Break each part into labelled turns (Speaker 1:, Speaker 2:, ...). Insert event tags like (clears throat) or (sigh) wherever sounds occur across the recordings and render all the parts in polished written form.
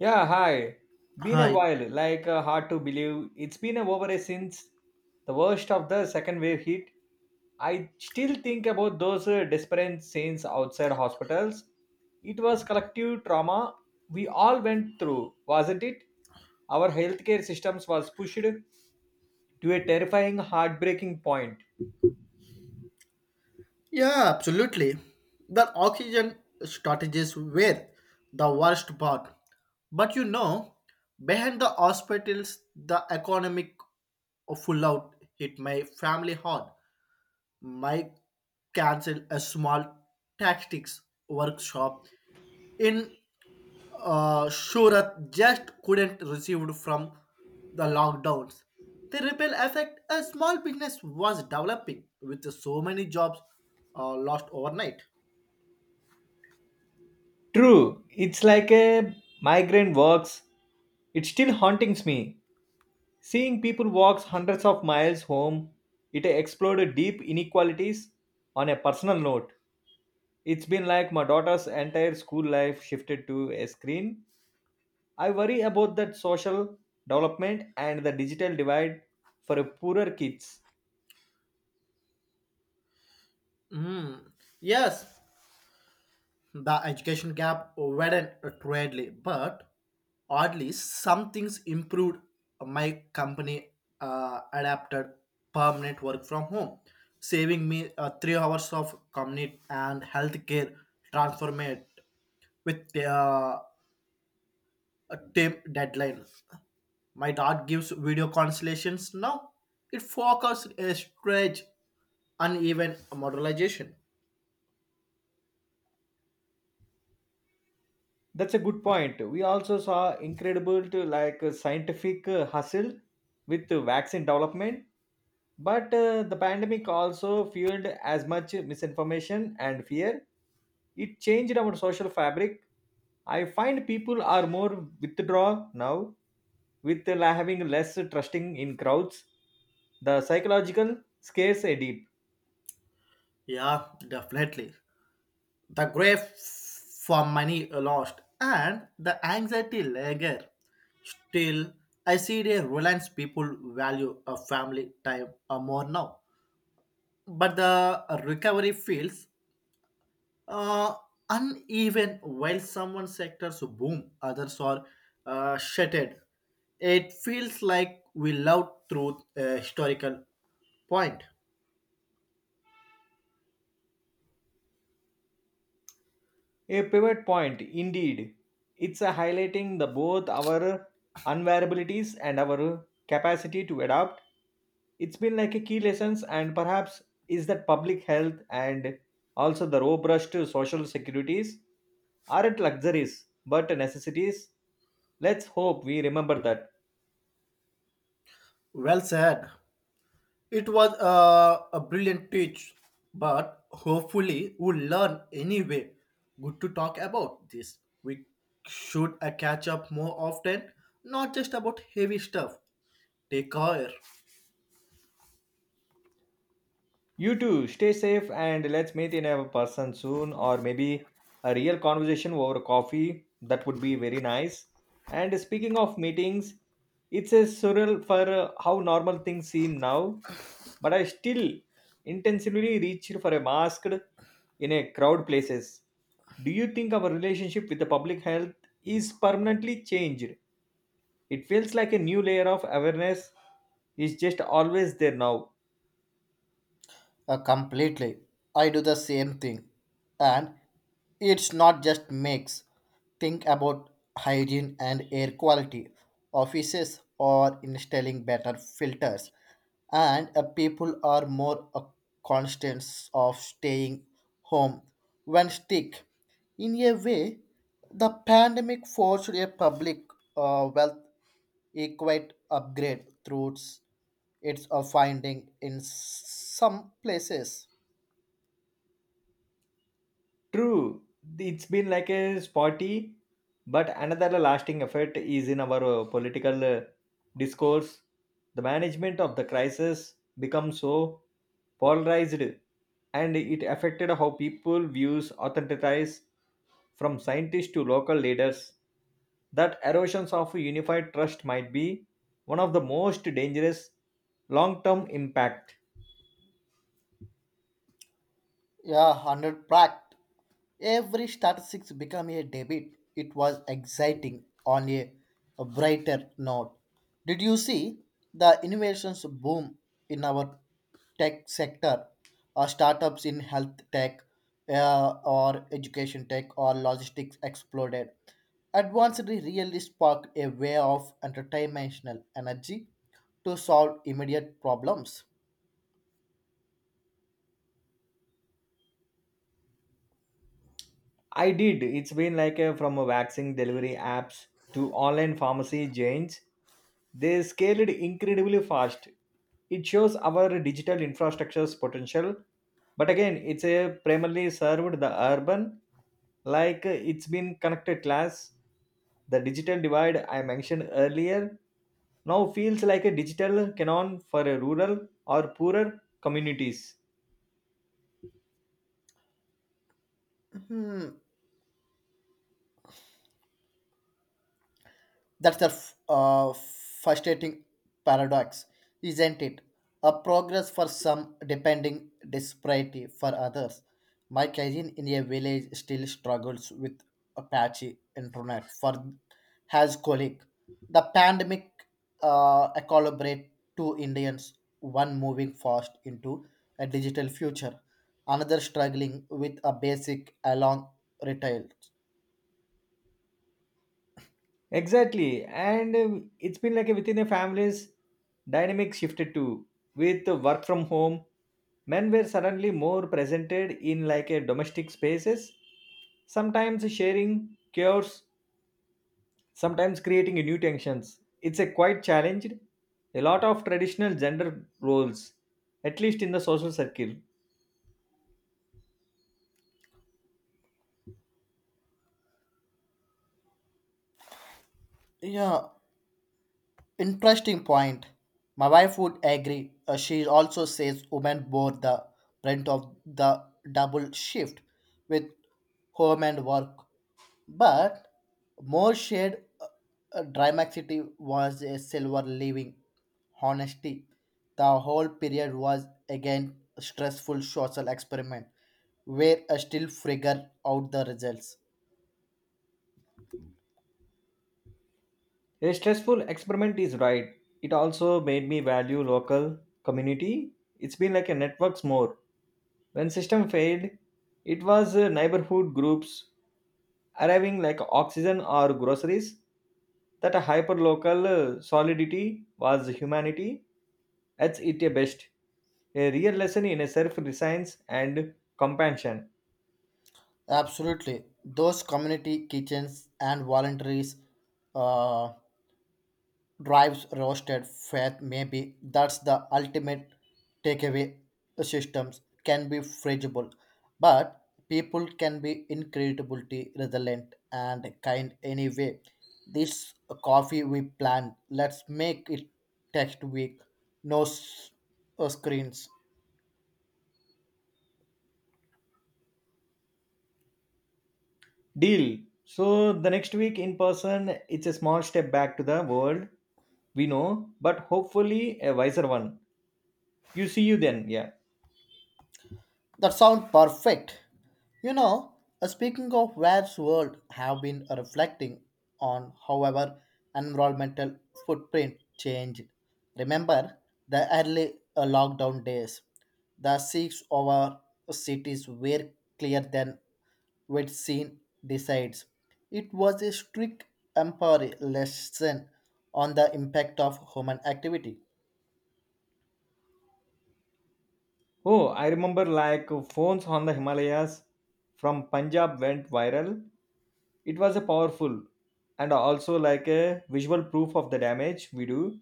Speaker 1: Yeah, hi. Been a
Speaker 2: Hi.
Speaker 1: while, hard to believe. It's been over a since the worst of the second wave hit. I still think about those desperate scenes outside hospitals. It was collective trauma we all went through, wasn't it? Our healthcare systems was pushed to a terrifying, heartbreaking point.
Speaker 2: Yeah, absolutely. The oxygen shortages were the worst part. But you know, behind the hospitals, the economic full out hit my family hard. My cancel a small tactics workshop in Shurat just couldn't receive from the lockdowns. The ripple effect a small business was developing with so many jobs lost overnight.
Speaker 1: True, it's like a migraine works. It still hauntings me. Seeing people walk hundreds of miles home, it explored deep inequalities on a personal note. It's been like my daughter's entire school life shifted to a screen. I worry about that social development and the digital divide for poorer kids.
Speaker 2: Mm. Yes, the education gap widened greatly, but oddly, some things improved. My company adapted permanent work from home, saving me 3 hours of commute, and healthcare transformed with the a team deadline. My dad gives video consultations now. It focuses a stretch uneven modularization.
Speaker 1: That's a good point. We also saw incredible to scientific hustle with vaccine development, but the pandemic also fueled as much misinformation and fear. It changed our social fabric. I find people are more withdraw now, with having less trusting in crowds. The psychological scares edit.
Speaker 2: Yeah, definitely. The grief for money lost and the anxiety lager. Still, I see the Reliance people value a family time more now. But the recovery feels uh, uneven while someone sectors boom, others are shattered. It feels like we love through a historical point.
Speaker 1: A pivot point, indeed. It's a highlighting the both our unvariabilities and our capacity to adapt. It's been like a key lessons and perhaps is that public health and also the robust social securities aren't luxuries but necessities. Let's hope we remember that.
Speaker 2: Well said. It was a brilliant teach, but hopefully we'll learn anyway. Good to talk about this. We should catch up more often, not just about heavy stuff. Take care.
Speaker 1: You too, stay safe and let's meet in a person soon or maybe a real conversation over coffee. That would be very nice. And speaking of meetings, it's a surreal for how normal things seem now, but I still intensively reached for a mask in a crowd places. Do you think our relationship with the public health is permanently changed? It feels like a new layer of awareness is just always there now.
Speaker 2: Completely. I do the same thing. And it's not just makes. Think about hygiene and air quality. Offices are installing better filters, and people are more conscious of staying home when sick. In a way, the pandemic forced a public wealth Equate upgrade through its a finding in some places.
Speaker 1: True, it's been like a spotty, but another lasting effect is in our political discourse. The management of the crisis becomes so polarized, and it affected how people views authentities from scientists to local leaders. That erosions of unified trust might be one of the most dangerous long-term impact.
Speaker 2: Yeah, 100 pract. Every statistics become a debit. It was exciting on a brighter note. Did you see the innovations boom in our tech sector? Or startups in health tech or education tech or logistics exploded. Advanced really sparked a way of interdimensional energy to solve immediate problems.
Speaker 1: I did. It's been from a vaccine delivery apps to online pharmacy giants. They scaled incredibly fast. It shows our digital infrastructure's potential. But again, it's a primarily served the urban, it's been connected class. The digital divide I mentioned earlier now feels like a digital canon for a rural or poorer communities.
Speaker 2: Hmm. That's a frustrating paradox, isn't it? A progress for some, depending disparity for others. My cousin in a village still struggles with a patchy internet for his colleague. The pandemic collaborate two Indians, one moving fast into a digital future, another struggling with a basic along retail.
Speaker 1: Exactly. And it's been within the families, dynamic shifted too. With the work from home, men were suddenly more presented in like a domestic spaces, sometimes sharing chaos, sometimes creating new tensions. It's a quite challenged. A lot of traditional gender roles, at least in the social circle.
Speaker 2: Yeah, interesting point. My wife would agree. She also says women bore the brunt of the double shift with home and work. But more shared dramaticity was a silver living. Honesty. The whole period was again a stressful social experiment where I still figure out the results.
Speaker 1: A stressful experiment is right. It also made me value local community. It's been like a networks more. When system failed, it was neighborhood groups arriving like oxygen or groceries. That a hyperlocal solidity was humanity at its best. A real lesson in self reliance and compassion.
Speaker 2: Absolutely. Those community kitchens and voluntaries uh, drives roasted fat maybe that's the ultimate takeaway systems can be fragile, but people can be incredibly resilient and kind. Anyway, this coffee we planned, let's make it text week. No s- Screens.
Speaker 1: Deal. So the next week in person, it's a small step back to the world we know, but hopefully a wiser one. You see you then, yeah.
Speaker 2: That sounds perfect. You know, speaking of Waves World, have been reflecting on however environmental footprint changed. Remember the early lockdown days. The 6 hour cities were clear than we'd seen decides. It was a strict empire lesson on the impact of human activity.
Speaker 1: Oh, I remember like phones on the Himalayas from Punjab went viral. It was a powerful and also like a visual proof of the damage we do,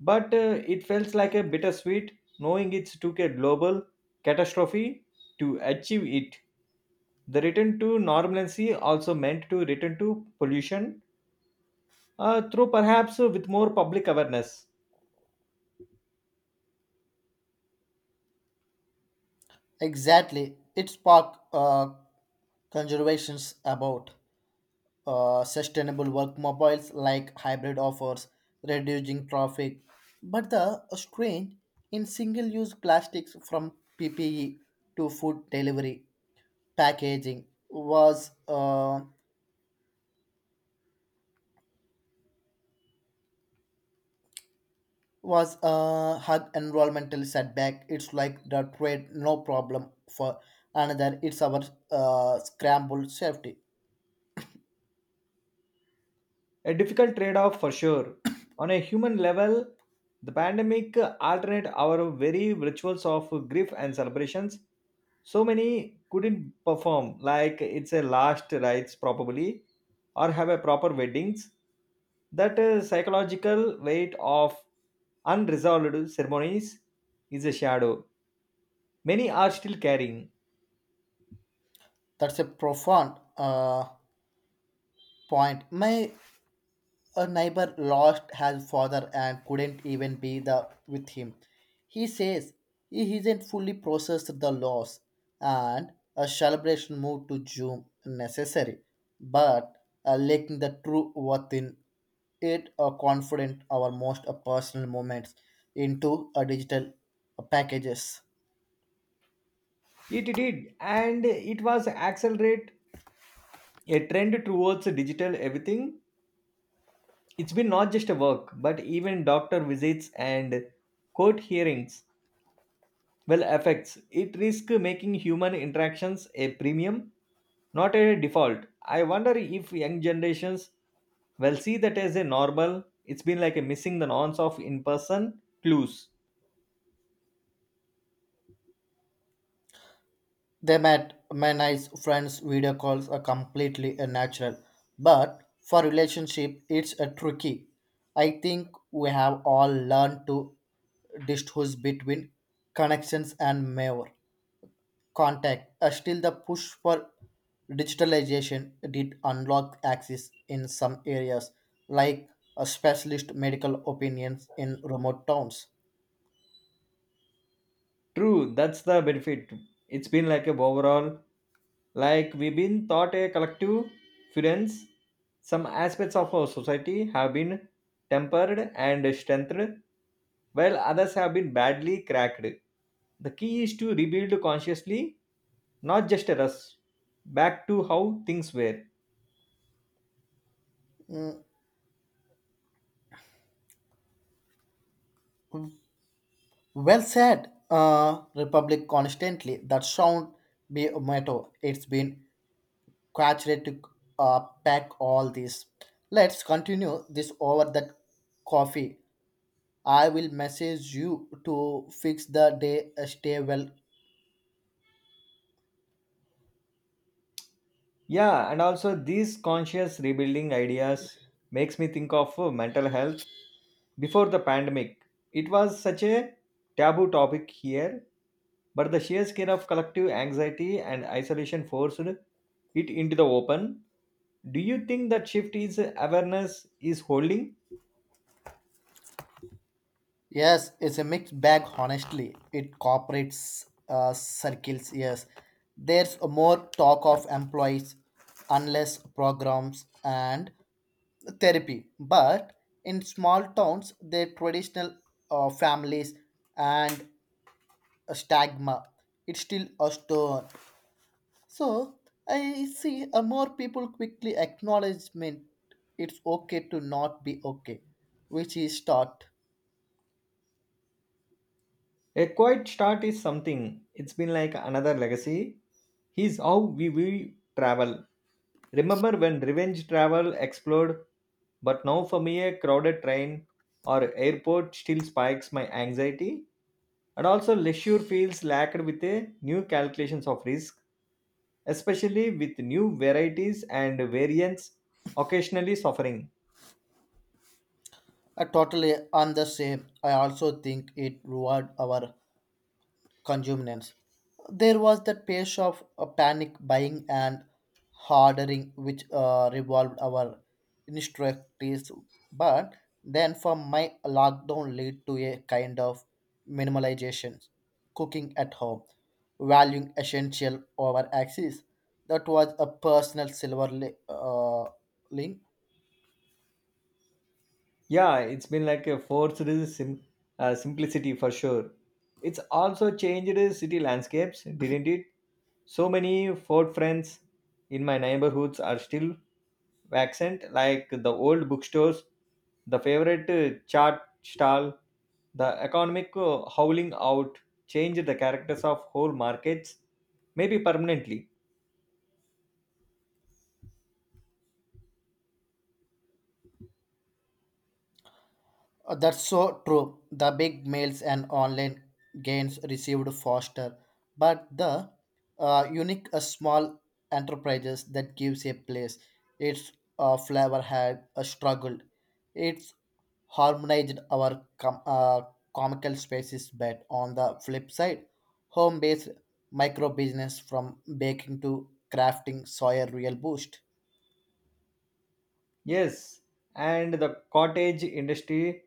Speaker 1: but it felt like a bittersweet knowing it took a global catastrophe to achieve it. The return to normalcy also meant to return to pollution through perhaps with more public awareness.
Speaker 2: Exactly, it sparked conversations about sustainable work mobiles like hybrid offers, reducing traffic, but the strain in single use plastics from PPE to food delivery packaging was a hard environmental setback. It's like the trade no problem for another. It's our scrambled safety.
Speaker 1: A difficult trade off for sure. On a human level, the pandemic altered our very rituals of grief and celebrations. So many couldn't perform, like it's a last rites probably, or have a proper weddings. That psychological weight of unresolved ceremonies is a shadow. Many are still carrying.
Speaker 2: That's a profound point. My A neighbor lost his father and couldn't even be the, with him. He says he isn't fully processed the loss and a celebration moved to June necessary, but lacking the true worth in it a confident our most personal moments into a digital packages.
Speaker 1: It did, and it was accelerate a trend towards digital everything. It's been not just a work, but even doctor visits and court hearings well affects. It risk making human interactions a premium, not a default. I wonder if young generations will see that as a normal. It's been like a missing the nonce of in-person clues.
Speaker 2: They met my nice friends video calls are completely a natural, but for relationship it's a tricky. I think we have all learned to distinguish between connections and mere contact. Still, the push for digitalization did unlock access in some areas, like a specialist medical opinions in remote towns.
Speaker 1: True, that's the benefit. It's been like a overall, like we've been thought a collective fluence. Some aspects of our society have been tempered and strengthened, while others have been badly cracked. The key is to rebuild consciously, not just a rush, back to how things were.
Speaker 2: Well said, Republic constantly. That sound be a motto. It's been quite to pack all this. Let's continue this over that coffee. I will message you to fix the day. Stay well.
Speaker 1: Yeah, and also these conscious rebuilding ideas makes me think of mental health before the pandemic. It was such a taboo topic here, but the sheer scale of collective anxiety and isolation forced it into the open. Do you think that shift is awareness is holding?
Speaker 2: Yes, it's a mixed bag, honestly. It cooperates circles, yes. There's more talk of employees, unless programs, and therapy. But in small towns, their traditional families and a stigma, it's still a stone. So I see more people quickly acknowledgement it's okay to not be okay, which is taught.
Speaker 1: A quiet start is something. It's been like another legacy. He's how we travel. Remember when revenge travel exploded, but now for me a crowded train or airport still spikes my anxiety? And also, leisure feels lacked with a new calculations of risk, especially with new varieties and variants occasionally suffering.
Speaker 2: I totally on the same. I also think it reward our consumers. There was that phase of panic buying and hoarding, which revolved our instructors. But then, for my lockdown, led to a kind of minimalization, cooking at home, valuing essential over access. That was a personal link.
Speaker 1: Yeah, it's been like a simplicity for sure. It's also changed city landscapes, didn't it? So many Ford friends in my neighborhoods are still vacant, like the old bookstores, the favorite chart stall, the economic howling out changed the characters of whole markets, maybe permanently.
Speaker 2: That's so true. The big mails and online gains received faster, but the unique small enterprises that gives a place its flavor had struggled. It's harmonized our comical spaces but on the flip side home-based micro business from baking to crafting saw a real boost.
Speaker 1: Yes, and the cottage industry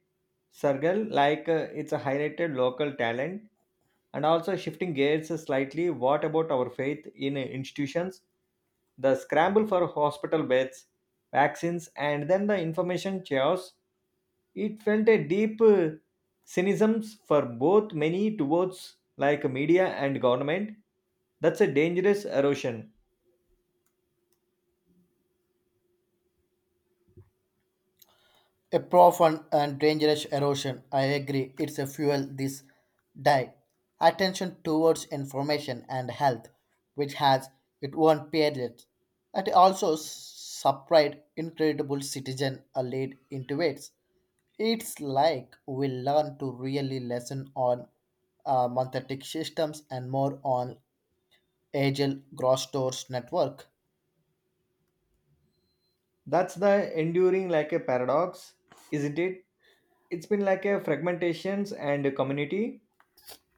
Speaker 1: circle, it's a highlighted local talent. And also shifting gears slightly, what about our faith in institutions? The scramble for hospital beds, vaccines, and then the information chaos. It felt a deep cynicism for both many towards like media and government. That's a dangerous erosion.
Speaker 2: A profound and dangerous erosion. I agree. It's a fuel this die. Attention towards information and health, which has its own periods. It also supplied incredible citizen a lead into it. It's like we learn to really lesson on monthetic systems and more on agile gross stores network.
Speaker 1: That's the enduring like a paradox, isn't it? It's been like a fragmentations and a community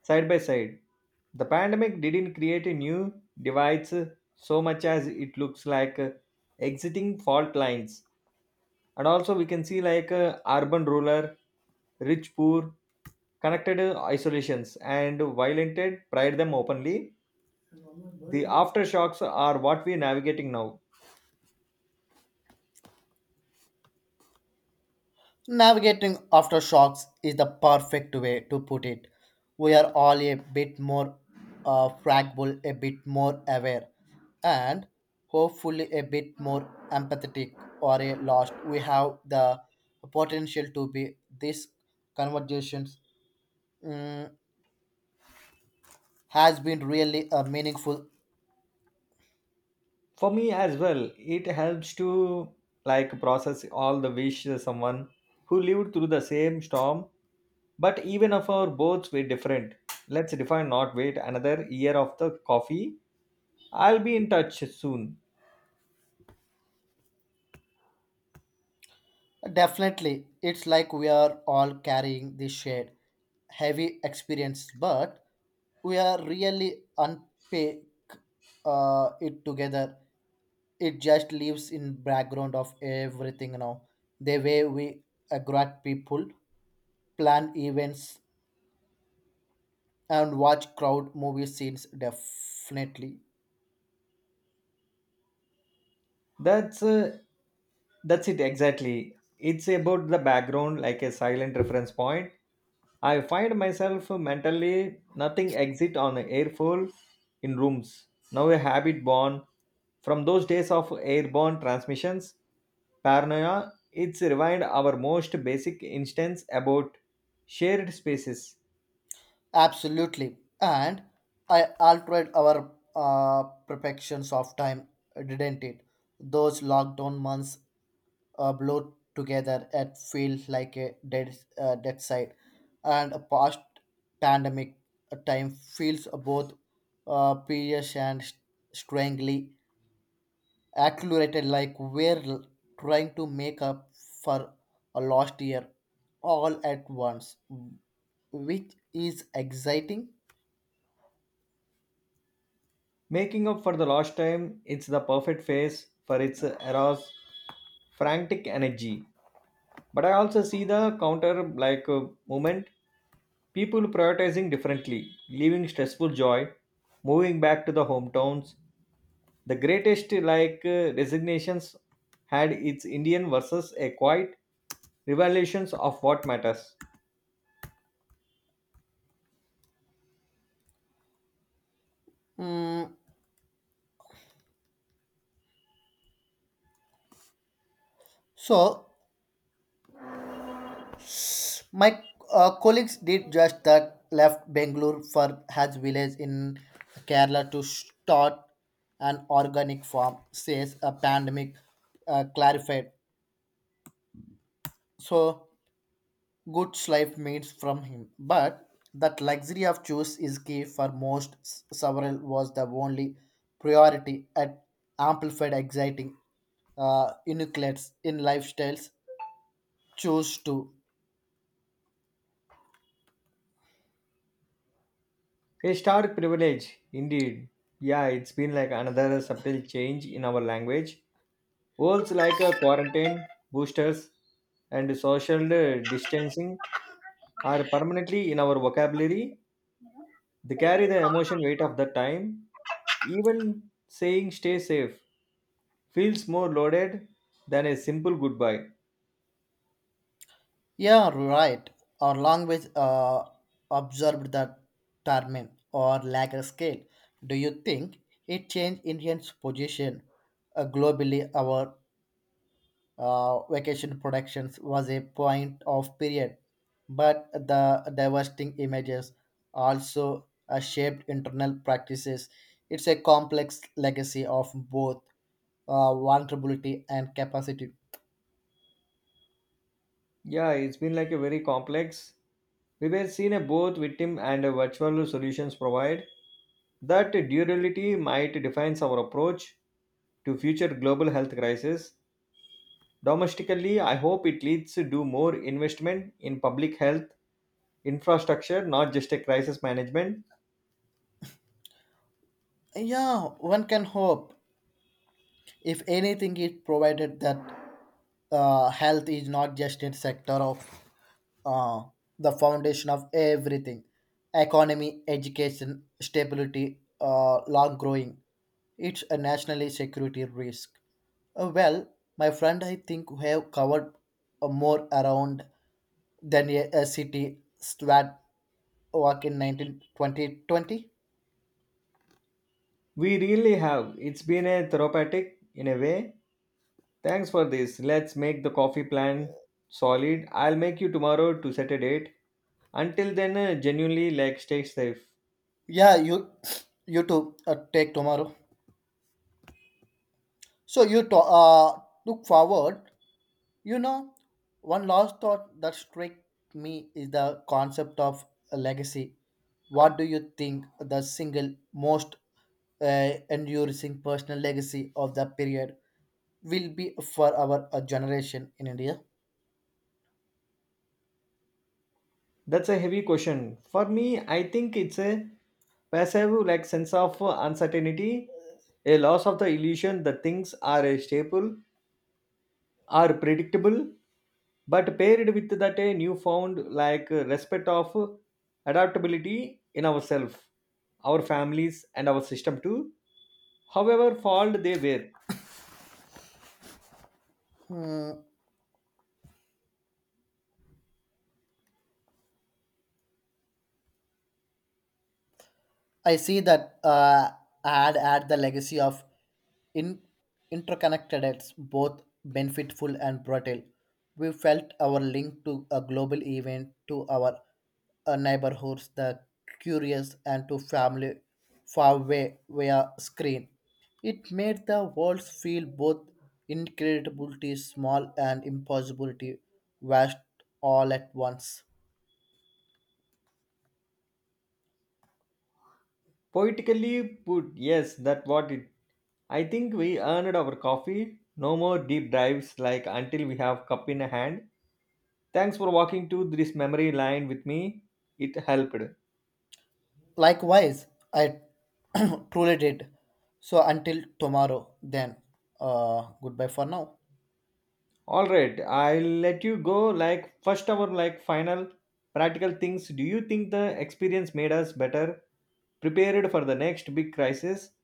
Speaker 1: side by side. The pandemic didn't create a new divides so much as it looks exiting fault lines. And also we can see urban ruler, rich poor, connected isolations and violated pride them openly. The aftershocks are what we're navigating now.
Speaker 2: Navigating aftershocks is the perfect way to put it. We are all a bit more fragile, a bit more aware, and hopefully a bit more empathetic or a lost. We have the potential to be. This conversations mm, has been really meaningful.
Speaker 1: For me as well, it helps to like process all the wish someone who lived through the same storm, but even if our boats were different, let's define not wait another year of the coffee. I'll be in touch soon.
Speaker 2: Definitely, it's like we are all carrying this shared heavy experience, but we are really unpack it together. It just lives in background of everything now. The way we agree people, plan events, and watch crowd movie scenes definitely.
Speaker 1: That's uh, that's it exactly. It's about the background, like a silent reference point. I find myself mentally nothing exit on airfall in rooms. Now a habit born from those days of airborne transmissions. Paranoia. It's revived our most basic instance about shared spaces.
Speaker 2: Absolutely. And I altered our perfections of time, didn't it? Those lockdown months blurred together. It feels like a dead side. And a past pandemic time feels both precious and strangely accelerated, like trying to make up for a lost year all at once, which is exciting.
Speaker 1: Making up for the lost time, it's the perfect phase for its era's frantic energy. But I also see the counter like uh, movement, people prioritizing differently, leaving stressful joy, moving back to the hometowns. The greatest resignations had its indian versus a quiet revelations of what matters.
Speaker 2: Mm, so my colleagues did just that. Left Bangalore for Haj village in Kerala to start an organic farm. Says a pandemic clarified. So goods life means from him, but that luxury of choice is key for most. Several was the only priority at amplified exciting nucleates in lifestyles. Choose to.
Speaker 1: A stark privilege indeed. Yeah, it's been like another subtle change in our language, words like a quarantine, boosters, and social distancing are permanently in our vocabulary. They carry the emotion weight of the time. Even saying stay safe feels more loaded than a simple goodbye.
Speaker 2: Yeah, right. Our language observed the termin or lack of scale. Do you think it changed Indians' position globally? Our vacation productions was a point of period, but the devastating images also shaped internal practices. It's a complex legacy of both vulnerability and capacity.
Speaker 1: Yeah, it's been like a very complex. We were seen a both victim and a virtual solutions provide. That durability might define our approach to future global health crisis. Domestically, I hope it leads to do more investment in public health infrastructure, not just a crisis management.
Speaker 2: Yeah, one can hope. If anything, it provided that health is not just a sector of uh, the foundation of everything economy, education, stability, long growing. It's a national security risk. Well, my friend, I think we have covered more around than a city SWAT walk in 192020.
Speaker 1: We really have. It's been a therapeutic in a way. Thanks for this. Let's make the coffee plan solid. I'll make you tomorrow to set a date. Until then, genuinely, like, stay safe.
Speaker 2: Yeah, you too. Take tomorrow. So you to- uh, Look forward. You know, one last thought that struck me is the concept of a legacy. What do you think the single most uh, enduring personal legacy of the period will be for our generation in India?
Speaker 1: That's a heavy question. For me, I think it's a passive, like, sense of uncertainty, a loss of the illusion that things are a staple, are predictable, but paired with that a newfound, like, respect of adaptability in ourselves, our families, and our system too. However, fault they were.
Speaker 2: Hmm. I see that ad at the legacy of in interconnectedness, both benefitful and brutal. We felt our link to a global event, to our neighborhoods, the curious, and to family far away via screen. It made the world feel both incredibility small and impossibility vast all at once.
Speaker 1: Poetically put, yes, that what it. I think we earned our coffee. No more deep dives like until we have cup in hand. Thanks for walking to this memory line with me. It helped.
Speaker 2: Likewise, I (clears throat) truly did. So until tomorrow, then goodbye for now.
Speaker 1: All right, I'll let you go. Like first our like final practical things. Do you think the experience made us better, prepared for the next big crisis,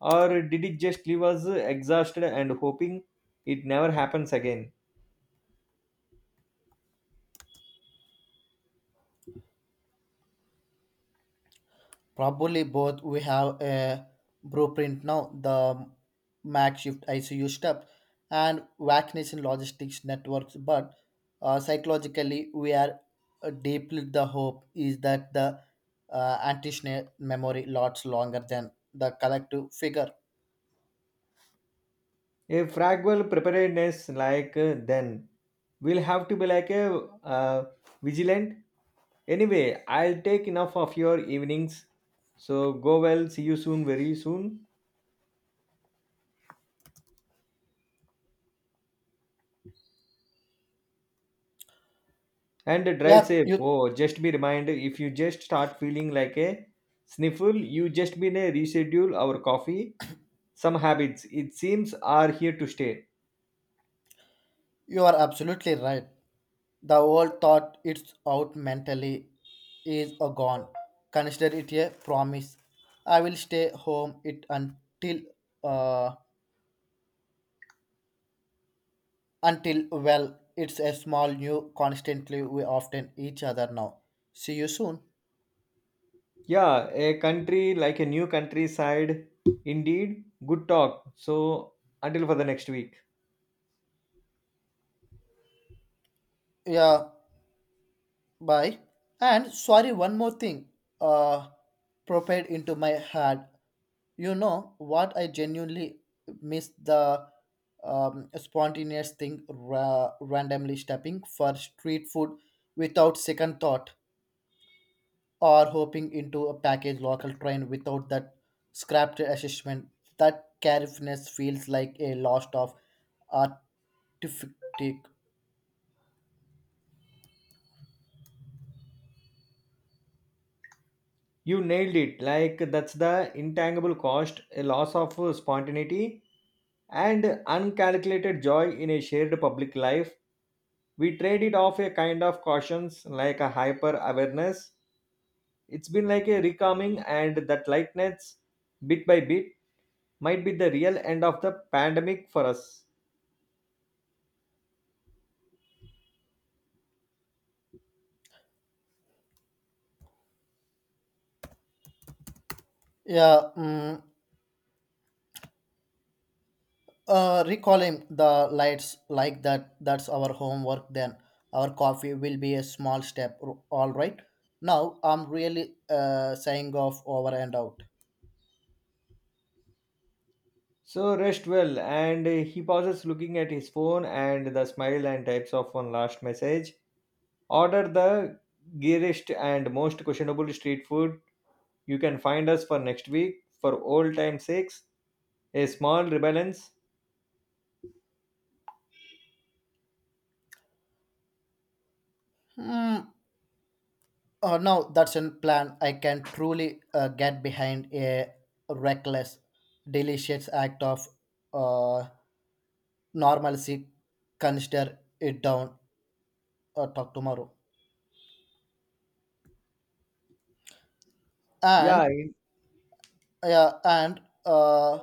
Speaker 1: or did it just leave us exhausted and hoping it never happens again?
Speaker 2: Probably both we have a blueprint now, the MAC shift ICU step and vaccination logistics networks. But psychologically, we are deeply the hope is that the anti memory lots longer than the collective figure.
Speaker 1: A fragile preparedness then will have to be like a uh, vigilant. Anyway, I'll take enough of your evenings, so go well, see you soon, very soon, and drive
Speaker 2: Yeah,
Speaker 1: safe.
Speaker 2: you
Speaker 1: Oh, just be reminded if you just start feeling like a sniffle, you just been a reschedule our coffee. Some habits it seems are here to stay.
Speaker 2: You are absolutely right. The old thought it's out mentally is a gone. Consider it a promise. I will stay home it uh, until well it's a small new constantly we often each other now. See you soon.
Speaker 1: Yeah, a country like a new countryside indeed. Good talk, so until for the next week.
Speaker 2: Yeah, bye. And sorry, one more thing. Uh, propelled into my head. You know what? I genuinely miss the spontaneous thing, randomly stepping for street food without second thought, or hopping into a packaged local train without that scrapped assessment. That carefulness feels like a loss of artifact.
Speaker 1: You nailed it. Like that's the intangible cost, a loss of spontaneity and uncalculated joy in a shared public life. We trade it off a kind of cautions, like a hyper awareness. It's been like a recalming, and that lightness, bit by bit, might be the real end of the pandemic for us.
Speaker 2: Yeah. Mm, recalling the lights like that that's our homework then our coffee will be a small all right. Now I'm really saying off, over and out.
Speaker 1: So rest well. And he pauses, looking at his phone and the smile and types off one last message. Order the geariest and most questionable street food you can find us for next week for old time's sakes. A small rebalance.
Speaker 2: Hmm. Now that's a plan I can truly get behind. A reckless delicious act of uh, normalcy. Consider it down. Talk tomorrow. And
Speaker 1: Yeah, e-
Speaker 2: yeah, and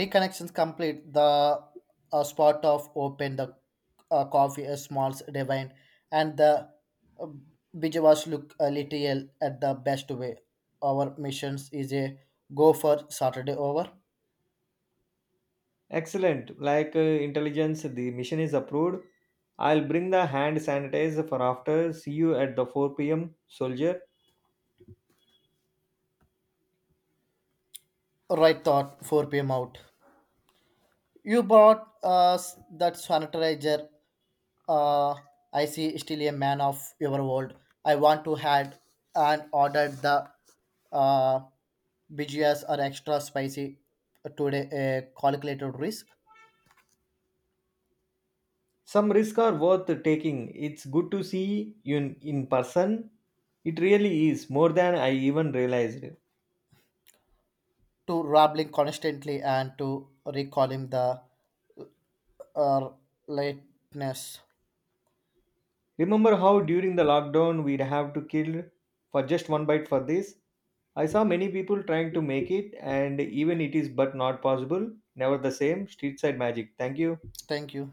Speaker 2: reconnections complete the spot of open the coffee a small divine and the uh, Bijawas look a little at the best way our missions is a go for Saturday over
Speaker 1: excellent. Intelligence, the mission is approved. I'll bring the hand sanitizer for after. See you at the 4 p.m. soldier.
Speaker 2: right thought 4 p.m. out. You bought us that sanitizer. Uh, I see still a man of your world. I want to had and ordered the uh, BGS or extra spicy today a calculated risk
Speaker 1: Some risks are worth taking. It's good to see you in person. It really is more than I even realized.
Speaker 2: to rambling constantly and to recalling the uh, lateness.
Speaker 1: Remember how during the lockdown we'd have to kill for just one bite for this? I saw many people trying to make it, and even it is but not possible. Never the same. Street side magic. Thank you.
Speaker 2: Thank you.